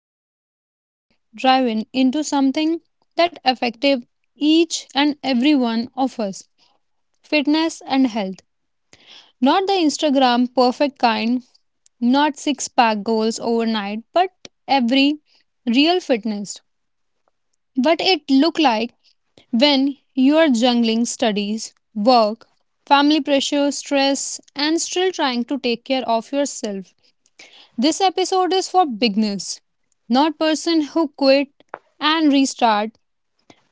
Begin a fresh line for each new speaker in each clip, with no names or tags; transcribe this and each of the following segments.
And today we are driving into something that affected each and every one of us fitness and health. Not the Instagram perfect kind, not six pack goals overnight, but every real fitness. What it look like when you are juggling studies, work, family pressure, stress, and still trying to take care of yourself. This episode is for beginners, not person who quit and restart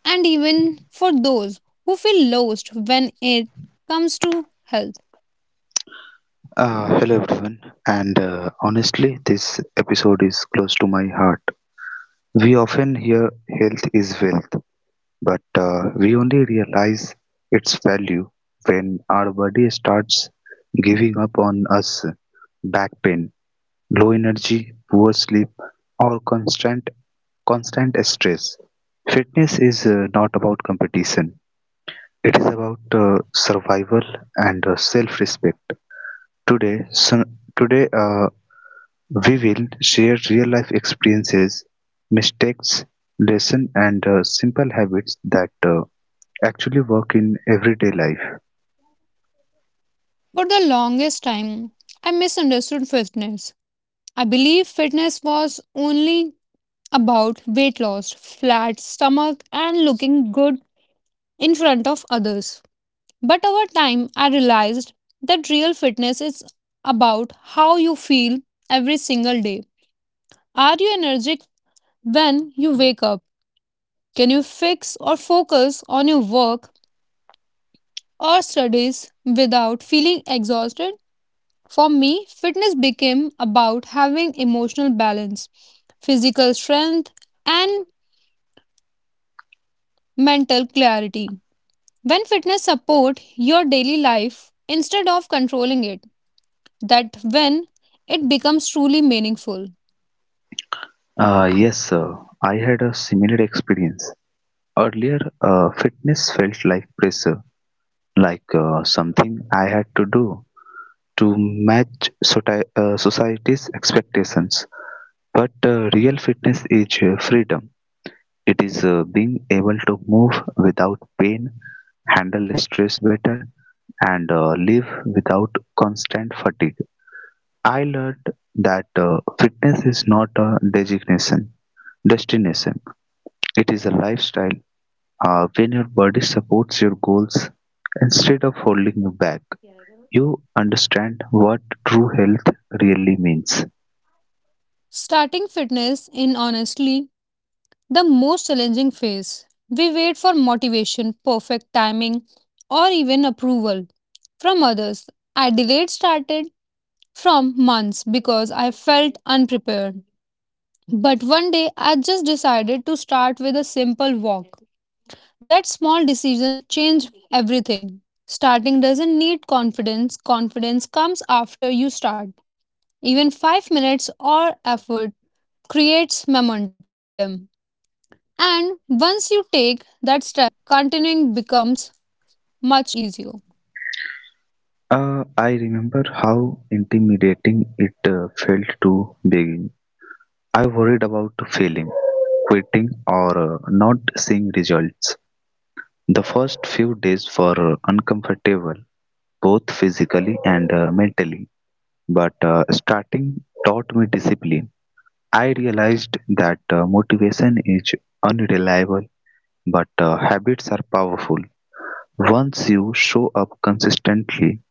and even for those who feel lost when it comes to health.
Hello everyone, and honestly, this episode is close to my heart. We often hear health is wealth, but we only realize its value when our body starts giving up on us. Back pain, low energy, poor sleep, or constant stress. Fitness is not about competition; it is about survival and self-respect. Today, so, today, we will share real-life experiences, mistakes, lessons and simple habits that actually work in everyday life.
For the longest time, I misunderstood fitness. I believed fitness was only about weight loss, flat stomach and looking good in front of others. But over time, I realized that real fitness is about how you feel every single day. Are you energetic when you wake up, can you fix or focus on your work or studies without feeling exhausted? For me, fitness became about having emotional balance, physical strength, and mental clarity. When fitness support your daily life instead of controlling it, that when it becomes truly meaningful.
Yes, sir. I had a similar experience. Earlier, fitness felt like pressure, like something I had to do to match society's expectations. But real fitness is freedom. It is being able to move without pain, handle stress better, and live without constant fatigue. I learned that fitness is not a designation, destination. It is a lifestyle. When your body supports your goals instead of holding you back, you understand what true health really means.
Starting fitness in honestly the most challenging phase. We wait for motivation, perfect timing, or even approval from others. I delayed started from months because I felt unprepared. But one day I just decided to start with a simple walk. That small decision changed everything. Starting doesn't need confidence, confidence comes after you start. Even 5 minutes or effort creates momentum. And once you take that step, continuing becomes much easier.
I remember how intimidating it felt to begin. I worried about failing, quitting, or not seeing results. The first few days were uncomfortable, both physically and mentally, but starting taught me discipline. I realized that motivation is unreliable, but habits are powerful. Once you show up consistently,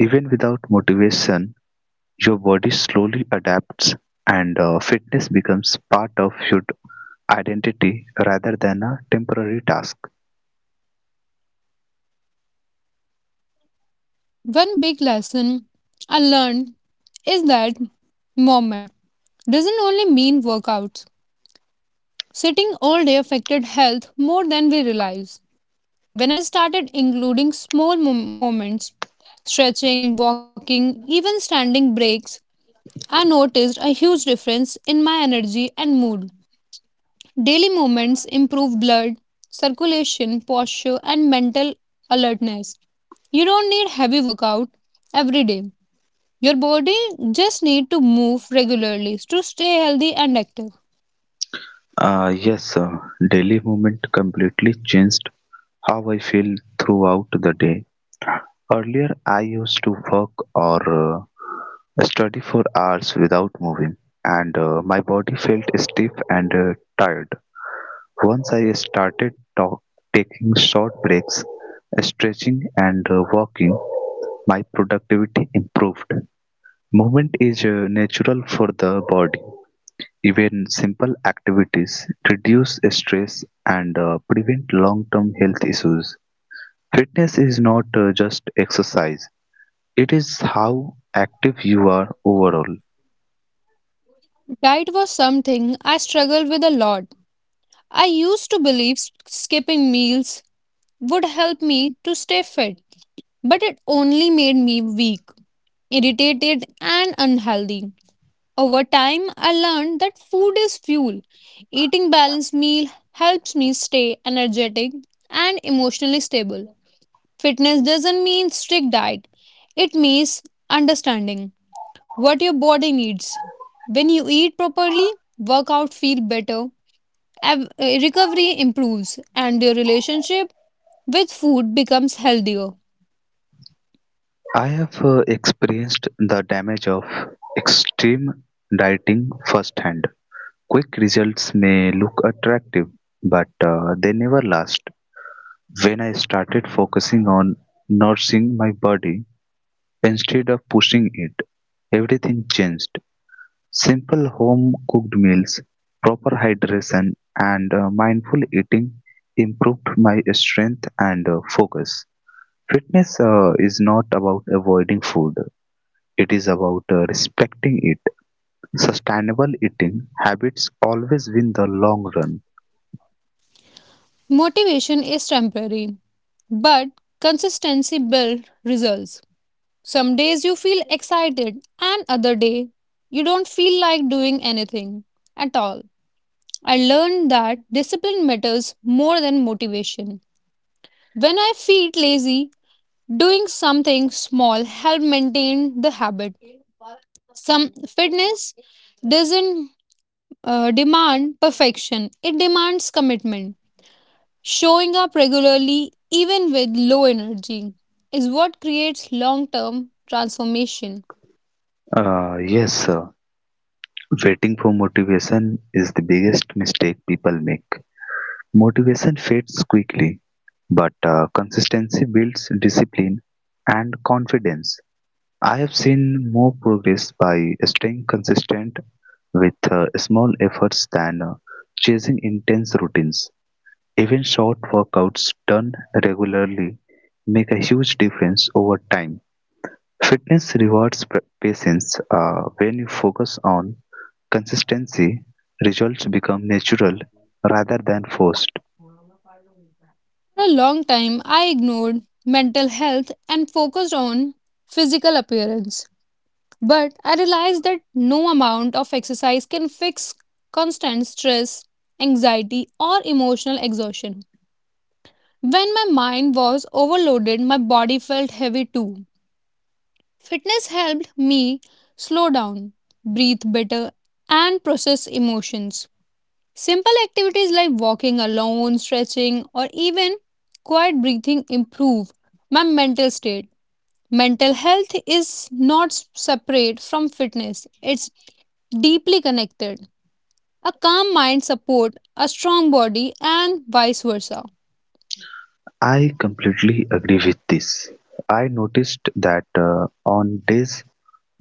even without motivation, your body slowly adapts, and fitness becomes part of your identity rather than a temporary task.
One big lesson I learned is that movement doesn't only mean workouts. Sitting all day affected health more than we realize. When I started including small moments, stretching, walking, even standing breaks, I noticed a huge difference in my energy and mood. Daily movements improve blood circulation, posture, and mental alertness. You don't need heavy workout every day. Your body just need to move regularly to stay healthy and active.
Yes, daily movement completely changed how I feel throughout the day. Earlier, I used to work or study for hours without moving, and my body felt stiff and tired. Once I started taking short breaks, stretching, and walking, my productivity improved. Movement is natural for the body. Even simple activities reduce stress and prevent long term health issues. Fitness is not just exercise, it's how active you are overall.
Diet was something I struggled with a lot. I used to believe skipping meals would help me to stay fit, but it only made me weak, irritated, and unhealthy. Over time, I learned that food is fuel. Eating balanced meal helps me stay energetic and emotionally stable. Fitness doesn't mean strict diet. It means understanding what your body needs. When you eat properly, workout feel better, recovery improves and your relationship with food becomes healthier.
I have experienced the damage of extreme dieting firsthand. Quick results may look attractive, but they never last. When I started focusing on nourishing my body instead of pushing it, everything changed. Simple home cooked meals, proper hydration, and mindful eating improved my strength and focus. Fitness is not about avoiding food. It is about respecting it. Sustainable eating habits always win the long run.
Motivation is temporary, but consistency builds results. Some days you feel excited, and other day you don't feel like doing anything at all. I learned that discipline matters more than motivation. When I feel lazy, doing something small helps maintain the habit. Some fitness doesn't demand perfection; it demands commitment. Showing up regularly, even with low energy, is what creates long-term transformation.
Yes, waiting for motivation is the biggest mistake people make. Motivation fades quickly, but consistency builds discipline and confidence. I have seen more progress by staying consistent with small efforts than chasing intense routines. Even short workouts done regularly make a huge difference over time. Fitness rewards patience. When you focus on consistency, results become natural rather than forced.
For a long time, I ignored mental health and focused on physical appearance. But I realized that no amount of exercise can fix constant stress, anxiety, or emotional exhaustion. When my mind was overloaded, my body felt heavy too. Fitness helped me slow down, breathe better, and process emotions. Simple activities like walking alone, stretching, or even quiet breathing improve my mental state. Mental health is not separate from fitness, it's deeply connected. A calm mind supports a strong body and vice versa.
I completely agree with this. I noticed that on days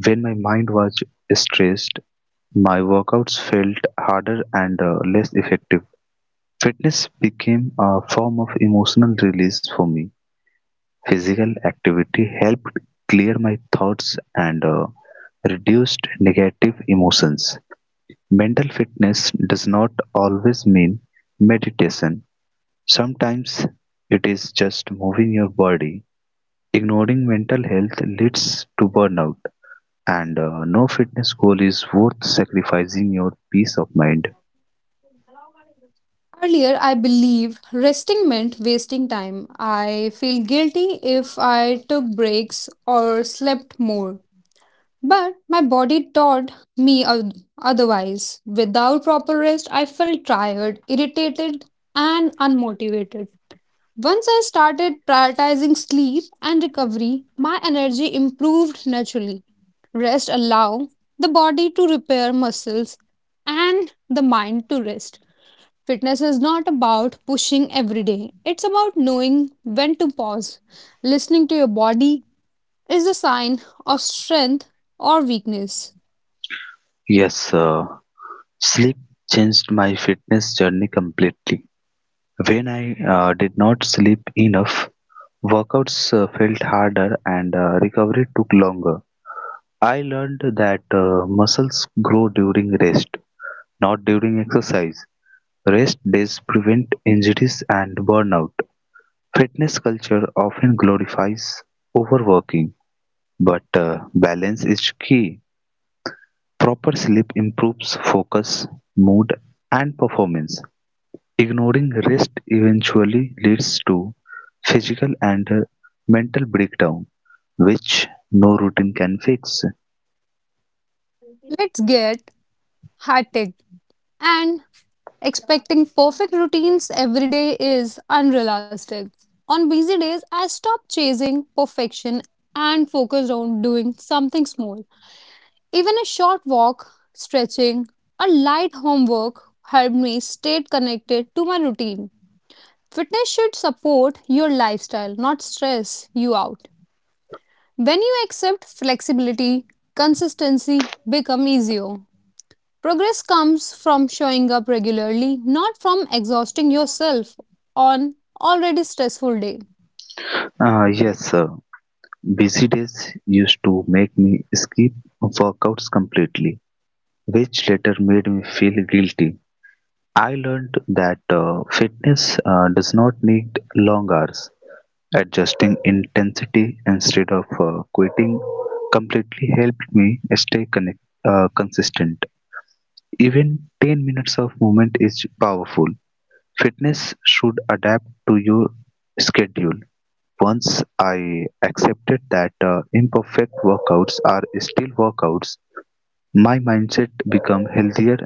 when my mind was stressed, my workouts felt harder and less effective. Fitness became a form of emotional release for me. Physical activity helped clear my thoughts and reduced negative emotions. Mental fitness does not always mean meditation. Sometimes it is just moving your body. Ignoring mental health leads to burnout, and no fitness goal is worth sacrificing your peace of mind.
Earlier, I believed resting meant wasting time. I feel guilty if I took breaks or slept more. But my body taught me otherwise. Without proper rest, I felt tired, irritated, and unmotivated. Once I started prioritizing sleep and recovery, my energy improved naturally. Rest allows the body to repair muscles and the mind to rest. Fitness is not about pushing every day. It's about knowing when to pause. Listening to your body is a sign of strength or weakness.
Yes, sleep changed my fitness journey completely. When I did not sleep enough, workouts felt harder and recovery took longer. I learned that muscles grow during rest, not during exercise. Rest days prevent injuries and burnout. Fitness culture often glorifies overworking, but balance is key. Proper sleep improves focus, mood, and performance. Ignoring rest eventually leads to physical and mental breakdown, which no routine can fix.
Let's get hectic and expecting perfect routines every day is unrealistic. On busy days, I stopped chasing perfection and focused on doing something small. Even a short walk, stretching, or light homework helped me stay connected to my routine. Fitness should support your lifestyle, not stress you out. When you accept flexibility, consistency become easier. Progress comes from showing up regularly, not from exhausting yourself on already stressful day.
Yes, sir. Busy days used to make me skip workouts completely, which later made me feel guilty. I learned that fitness does not need long hours. Adjusting intensity instead of quitting completely helped me stay consistent. Even 10 minutes of movement is powerful. Fitness should adapt to your schedule. Once I accepted that imperfect workouts are still workouts, my mindset became healthier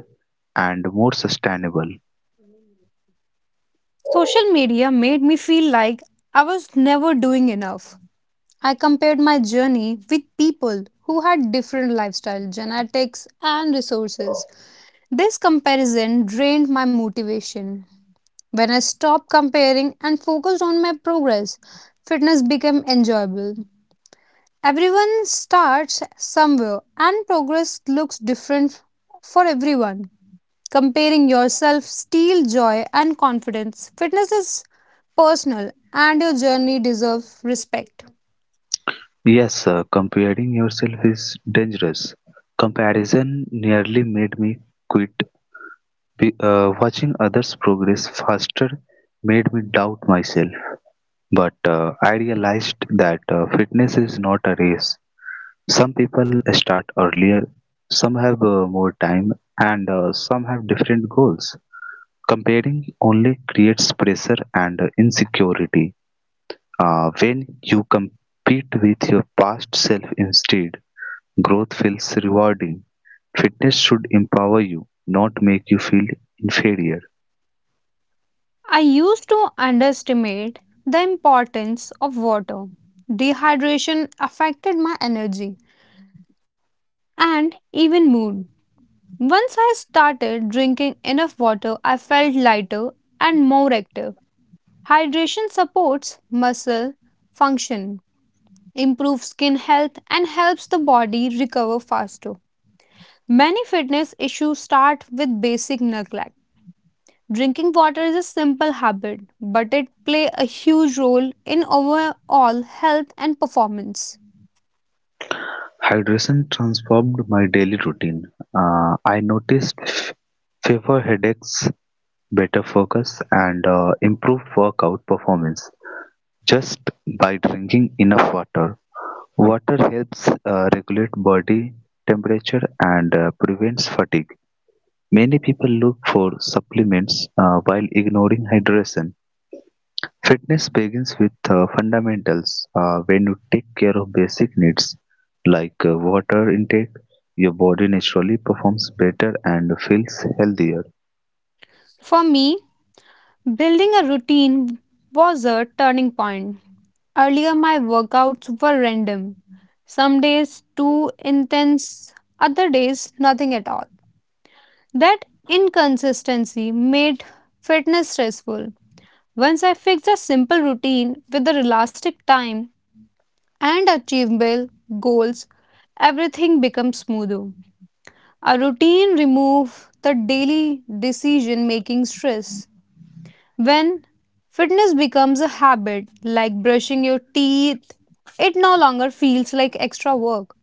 and more sustainable.
Social media made me feel like I was never doing enough. I compared my journey with people who had different lifestyle, genetics, and resources. This comparison drained my motivation. When I stopped comparing and focused on my progress, fitness became enjoyable. Everyone starts somewhere, and progress looks different for everyone. Comparing yourself steals joy and confidence. Fitness is personal, and your journey deserves respect.
Yes, comparing yourself is dangerous. Comparison nearly made me quit. Watching others progress faster made me doubt myself, but I realized that fitness is not a race. Some people start earlier, some have more time, and some have different goals. Comparing only creates pressure and insecurity. When you compete with your past self instead, growth feels rewarding. Fitness should empower you, not make you feel inferior.
I used to underestimate the importance of water. Dehydration affected my energy and even mood. Once I started drinking enough water, I felt lighter and more active. Hydration supports muscle function, improves skin health, and helps the body recover faster. Many fitness issues start with basic neglect. Drinking water is a simple habit, but it plays a huge role in overall health and performance.
Hydration transformed my daily routine. I noticed fewer headaches, better focus, and improved workout performance just by drinking enough water. Water helps regulate body temperature and prevents fatigue. Many people look for supplements while ignoring hydration. Fitness begins with fundamentals. When you take care of basic needs like water intake, your body naturally performs better and feels healthier.
For me, building a routine was a turning point. Earlier, my workouts were random. Some days too intense, other days nothing at all. That inconsistency made fitness stressful. Once I fixed a simple routine with the elastic time and achievable goals, everything becomes smoother. A routine removes the daily decision making stress. When fitness becomes a habit like brushing your teeth, it no longer feels like extra work.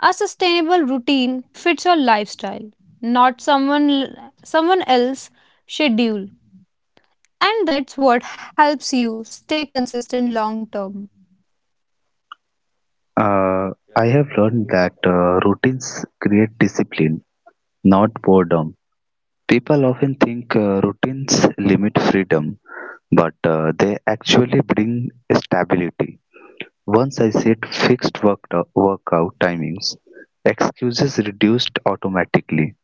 A sustainable routine fits your lifestyle, not someone else schedule. And that's what helps you stay consistent long term.
Uh, I have learned that routines create discipline, not boredom. People often think routines limit freedom, but they actually bring stability. Once I set fixed workout timings, excuses reduced automatically.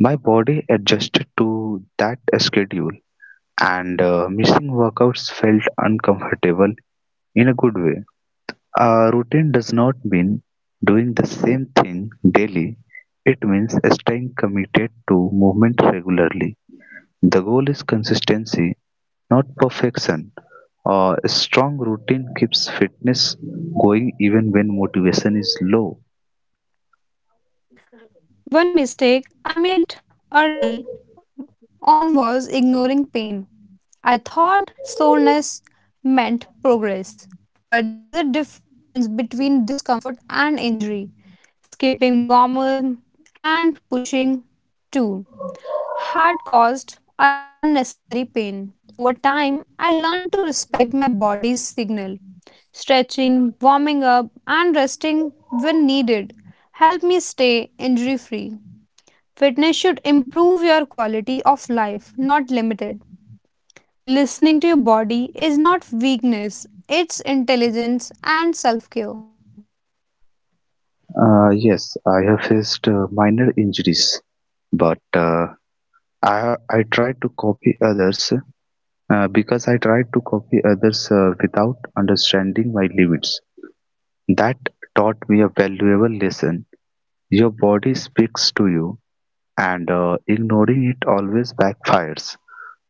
My body adjusted to that schedule, and missing workouts felt uncomfortable in a good way. A routine does not mean doing the same thing daily, it means staying committed to movement regularly. The goal is consistency, not perfection. A strong routine keeps fitness going even when motivation is low.
One mistake I made early on was ignoring pain. I thought slowness meant progress. But there is a difference between discomfort and injury. Skipping warmer and pushing too hard caused unnecessary pain. Over time, I learned to respect my body's signal. Stretching, warming up, and resting when needed help me stay injury free. Fitness should improve your quality of life, not limit it. Listening to your body is not weakness, it's intelligence and self care.
Yes, I have faced minor injuries, but I try to copy others because I try to copy others without understanding my limits. That taught me a valuable lesson. Your body speaks to you, and ignoring it always backfires.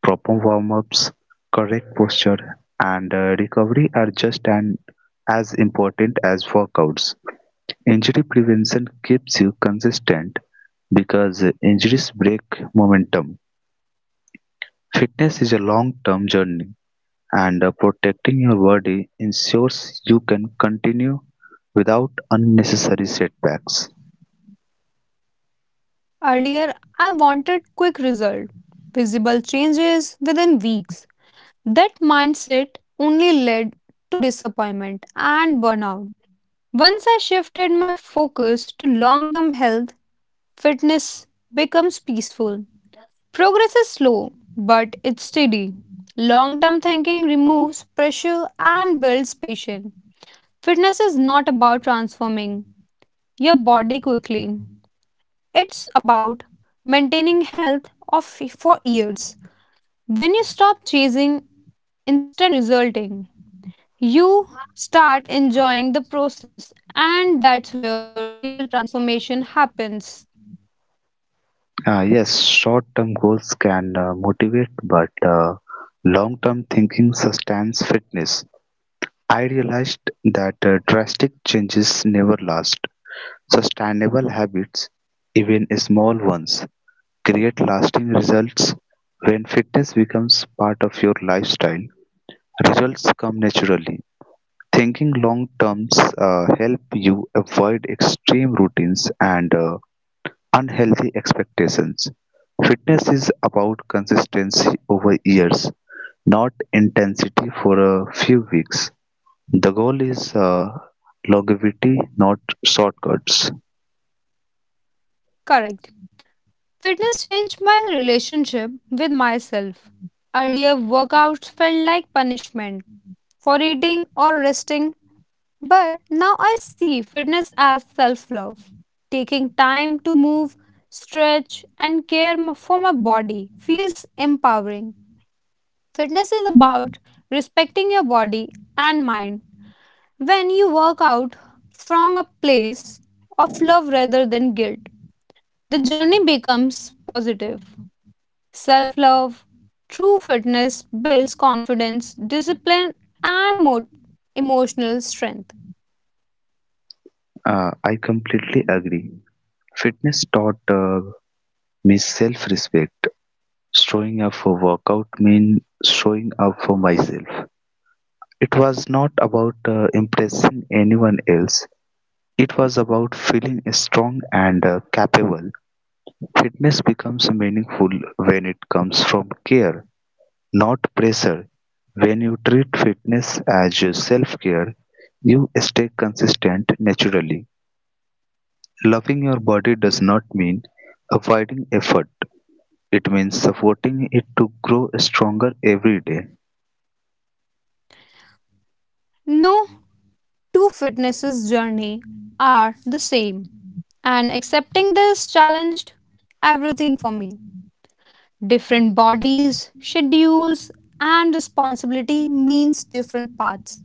Proper warm ups, correct posture, and recovery are just as important as workouts. Injury prevention keeps you consistent because injuries break momentum. Fitness is a long term journey and protecting your body ensures you can continue without unnecessary setbacks.
Earlier, I wanted quick result, visible changes within weeks. That mindset only led to disappointment and burnout. Once I shifted my focus to long term health, fitness becomes peaceful. Progress is slow, but it's steady. Long term thinking removes pressure and builds patience. Fitness is not about transforming your body quickly, it's about maintaining health of, for years. When you stop chasing instant resulting, you start enjoying the process, and that's where real transformation happens.
Yes, short term goals can motivate, but long term thinking sustains fitness. I realized that drastic changes never last. Sustainable habits, even small ones, create lasting results. When fitness becomes part of your lifestyle, results come naturally. Thinking long terms help you avoid extreme routines and unhealthy expectations. Fitness is about consistency over years, not intensity for a few weeks. The goal is longevity, not shortcuts.
Correct. Fitness changed my relationship with myself. Earlier, workouts felt like punishment for eating or resting, but now I see fitness as self love. Taking time to move, stretch, and for my body feels empowering. Fitness is about respecting your body and mind. When you work out from a place of love rather than guilt, the journey becomes positive. Self love, true fitness builds confidence, discipline, and emotional strength.
I completely agree. Fitness taught me self respect. Showing up for workout means showing up for myself. It was not about impressing anyone else, it was about feeling strong and capable. Fitness becomes meaningful when it comes from care, not pressure. When you treat fitness as self care, you stay consistent naturally. Loving your body does not mean avoiding effort, it means supporting it to grow stronger every day.
No two fitnesses journey are the same, and accepting this challenged everything for me. Different bodies, schedules, and responsibility means different paths.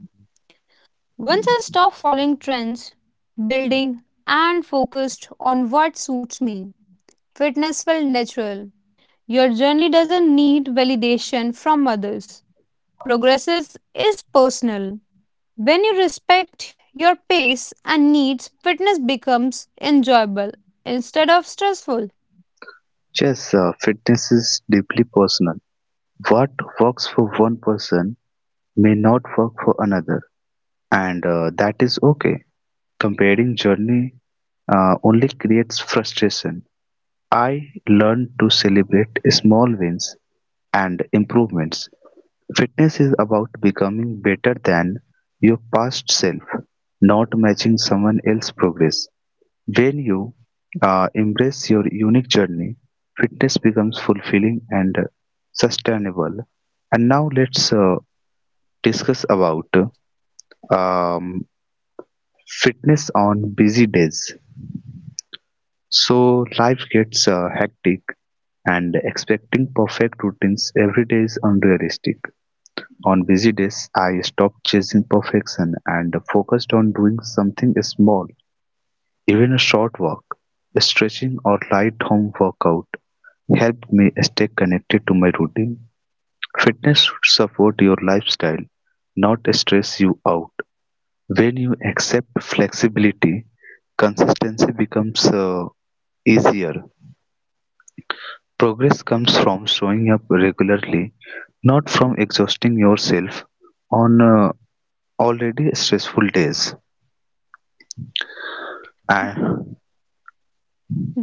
Once I stopped following trends, building, and focused on what suits me, fitness felt natural. Your journey doesn't need validation from others. Progress is personal. When you respect your pace and needs, fitness becomes enjoyable instead of stressful.
Yes, fitness is deeply personal. What works for one person may not work for another, and that is okay. Comparing journey only creates frustration. I learned to celebrate small wins and improvements. Fitness is about becoming better than your past self, not matching someone else's progress. When you embrace your unique journey, fitness becomes fulfilling and sustainable. And now let's discuss about um, fitness on busy days. So life gets hectic and expecting perfect routines every day is unrealistic. On busy days, I stopped chasing perfection and focused on doing something small, even a short walk, stretching or light home workout helped me stay connected to my routine. Fitness should support your lifestyle, not stress you out. When you accept flexibility, consistency becomes easier. Progress comes from showing up regularly, not from exhausting yourself on already stressful days. And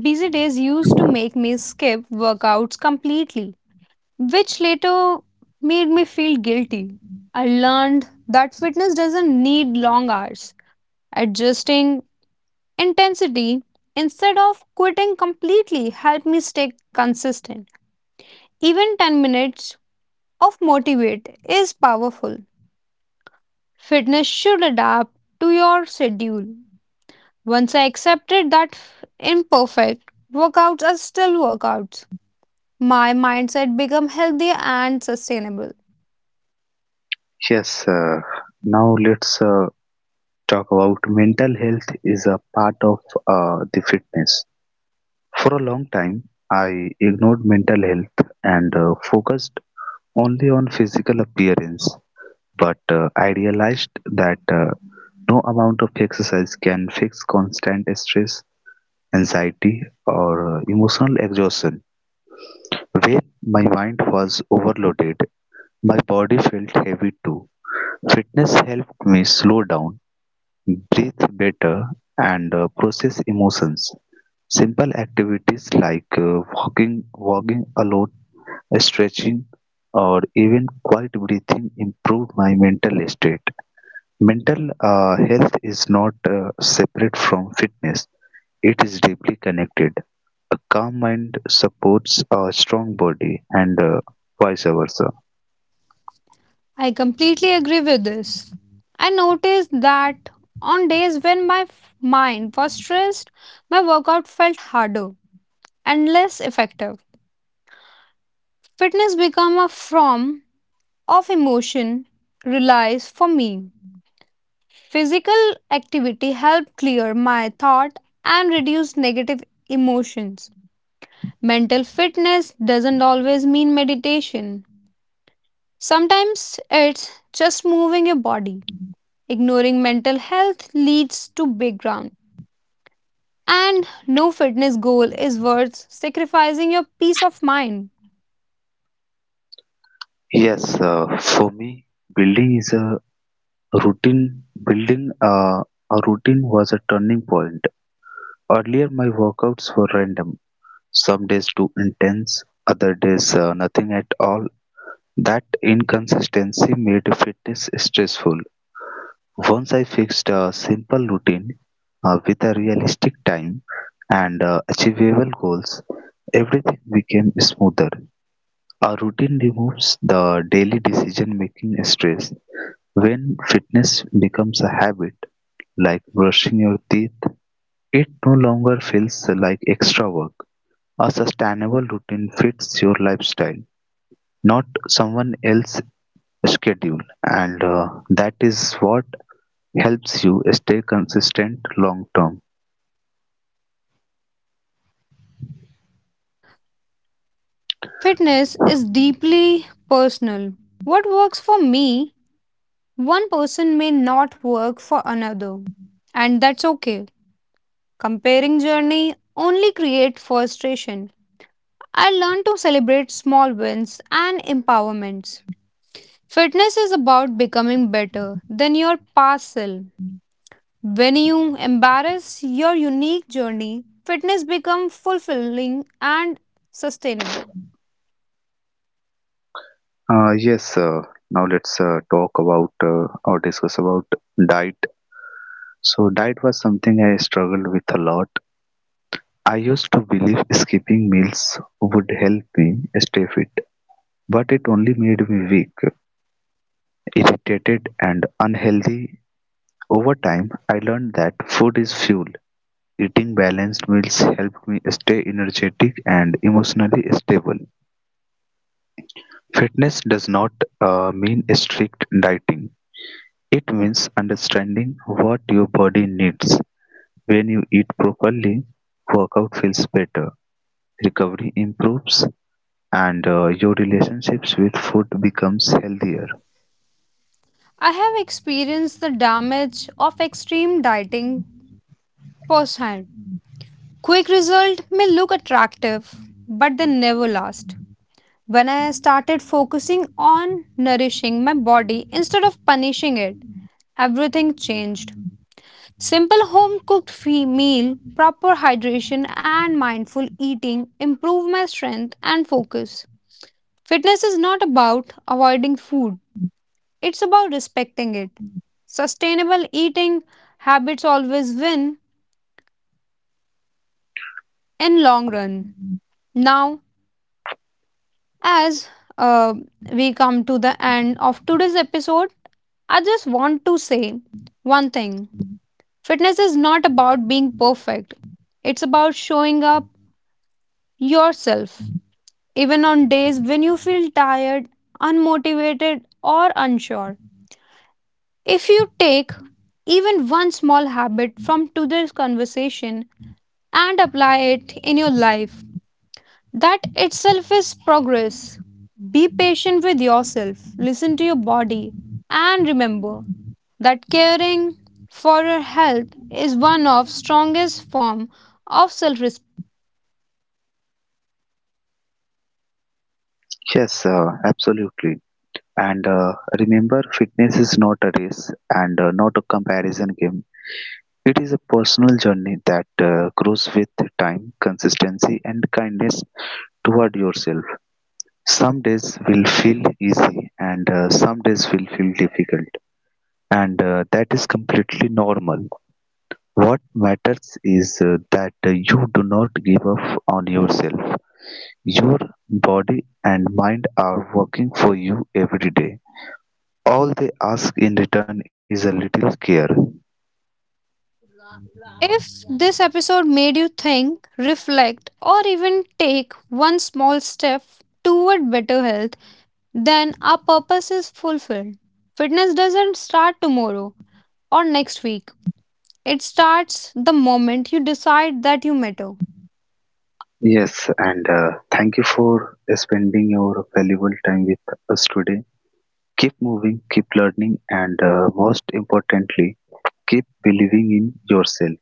Busy days used to make me skip workouts completely, which later made me feel guilty. I learned that fitness doesn't need long hours. Adjusting intensity instead of quitting completely helped me stay consistent. Even 10 minutes of motivate is powerful. Fitness should adapt to your schedule. Once I accepted that imperfect workouts are still workouts, my mindset became healthier and sustainable.
yes, uh, now let's talk about mental health is a part of the fitness. For a long time, I ignored mental health and focused only on physical appearance. But I realized that no amount of exercise can fix constant stress, anxiety or emotional exhaustion. When my mind was overloaded, my body felt heavy too. Fitness helped me slow down, breathe better, and process emotions. Simple activities like walking alone, stretching, or even quiet breathing improve my mental state. Mental health is not separate from fitness; it is deeply connected. A calm mind supports a strong body and vice versa.
I completely agree with this. I noticed that on days when my mind was stressed, my workout felt harder and less effective. Fitness became a form of emotion release for me. Physical activity helps clear my thought and reduce negative emotions. Mental fitness doesn't always mean meditation. Sometimes it's just moving your body. Ignoring mental health leads to big ground. And no fitness goal is worth sacrificing your peace of mind.
Yes, for me, building is a routine. Building a routine was a turning point. Earlier, my workouts were random. Some days too intense, other days nothing at all. That inconsistency made fitness stressful. Once I fixed a simple routine with a realistic time and achievable goals, everything became smoother. A routine removes the daily decision making stress. When fitness becomes a habit, like brushing your teeth, it no longer feels like extra work. A sustainable routine fits your lifestyle, not someone else's schedule, and that is what helps you stay consistent long term.
Fitness is deeply personal. What works for me, one person may not work for another. And that's okay. Comparing journey only create frustration. I learned to celebrate small wins and empowerments. Fitness is about becoming better than your past self. When you embrace your unique journey, fitness becomes fulfilling and sustainable.
Yes, now let's talk about or discuss about diet. So, diet was something I struggled with a lot. I used to believe skipping meals would help me stay fit, but it only made me weak, irritated, and unhealthy. Over time, I learned that food is fuel. Eating balanced meals helped me stay energetic and emotionally stable. Fitness does not mean strict dieting. It means understanding what your body needs. When you eat properly, workout feels better, recovery improves, and your relationships with food becomes healthier.
I have experienced the damage of extreme dieting firsthand. Quick result may look attractive, but they never last. When I started focusing on nourishing my body instead of punishing it, everything changed. Simple home cooked meal, proper hydration, and mindful eating improved my strength and focus. Fitness is not about avoiding food, it's about respecting it. Sustainable eating habits always win in long run. Now As uh, we come to the end of today's episode. I just want to say one thing: fitness is not about being perfect, it's about showing up yourself, even on days when you feel tired, unmotivated, or unsure. If you take even one small habit from today's conversation and apply it in your life, that itself is progress. Be patient with yourself, listen to your body, and remember that caring for your health is one of strongest form of self-respect.
Yes, absolutely. And remember, fitness is not a race and not a comparison game. It is a personal journey that grows with time, consistency, and kindness toward yourself. Some days will feel easy, and some days will feel difficult. And that is completely normal. What matters is that you do not give up on yourself. Your body and mind are working for you every day. All they ask in return is a little care.
If this episode made you think, reflect, or even take one small step toward better health, then our purpose is fulfilled. Fitness doesn't start tomorrow or next week. It starts the moment you decide that you matter.
Yes, and thank you for spending your valuable time with us today. Keep moving, keep learning, and most importantly, keep believing in yourself.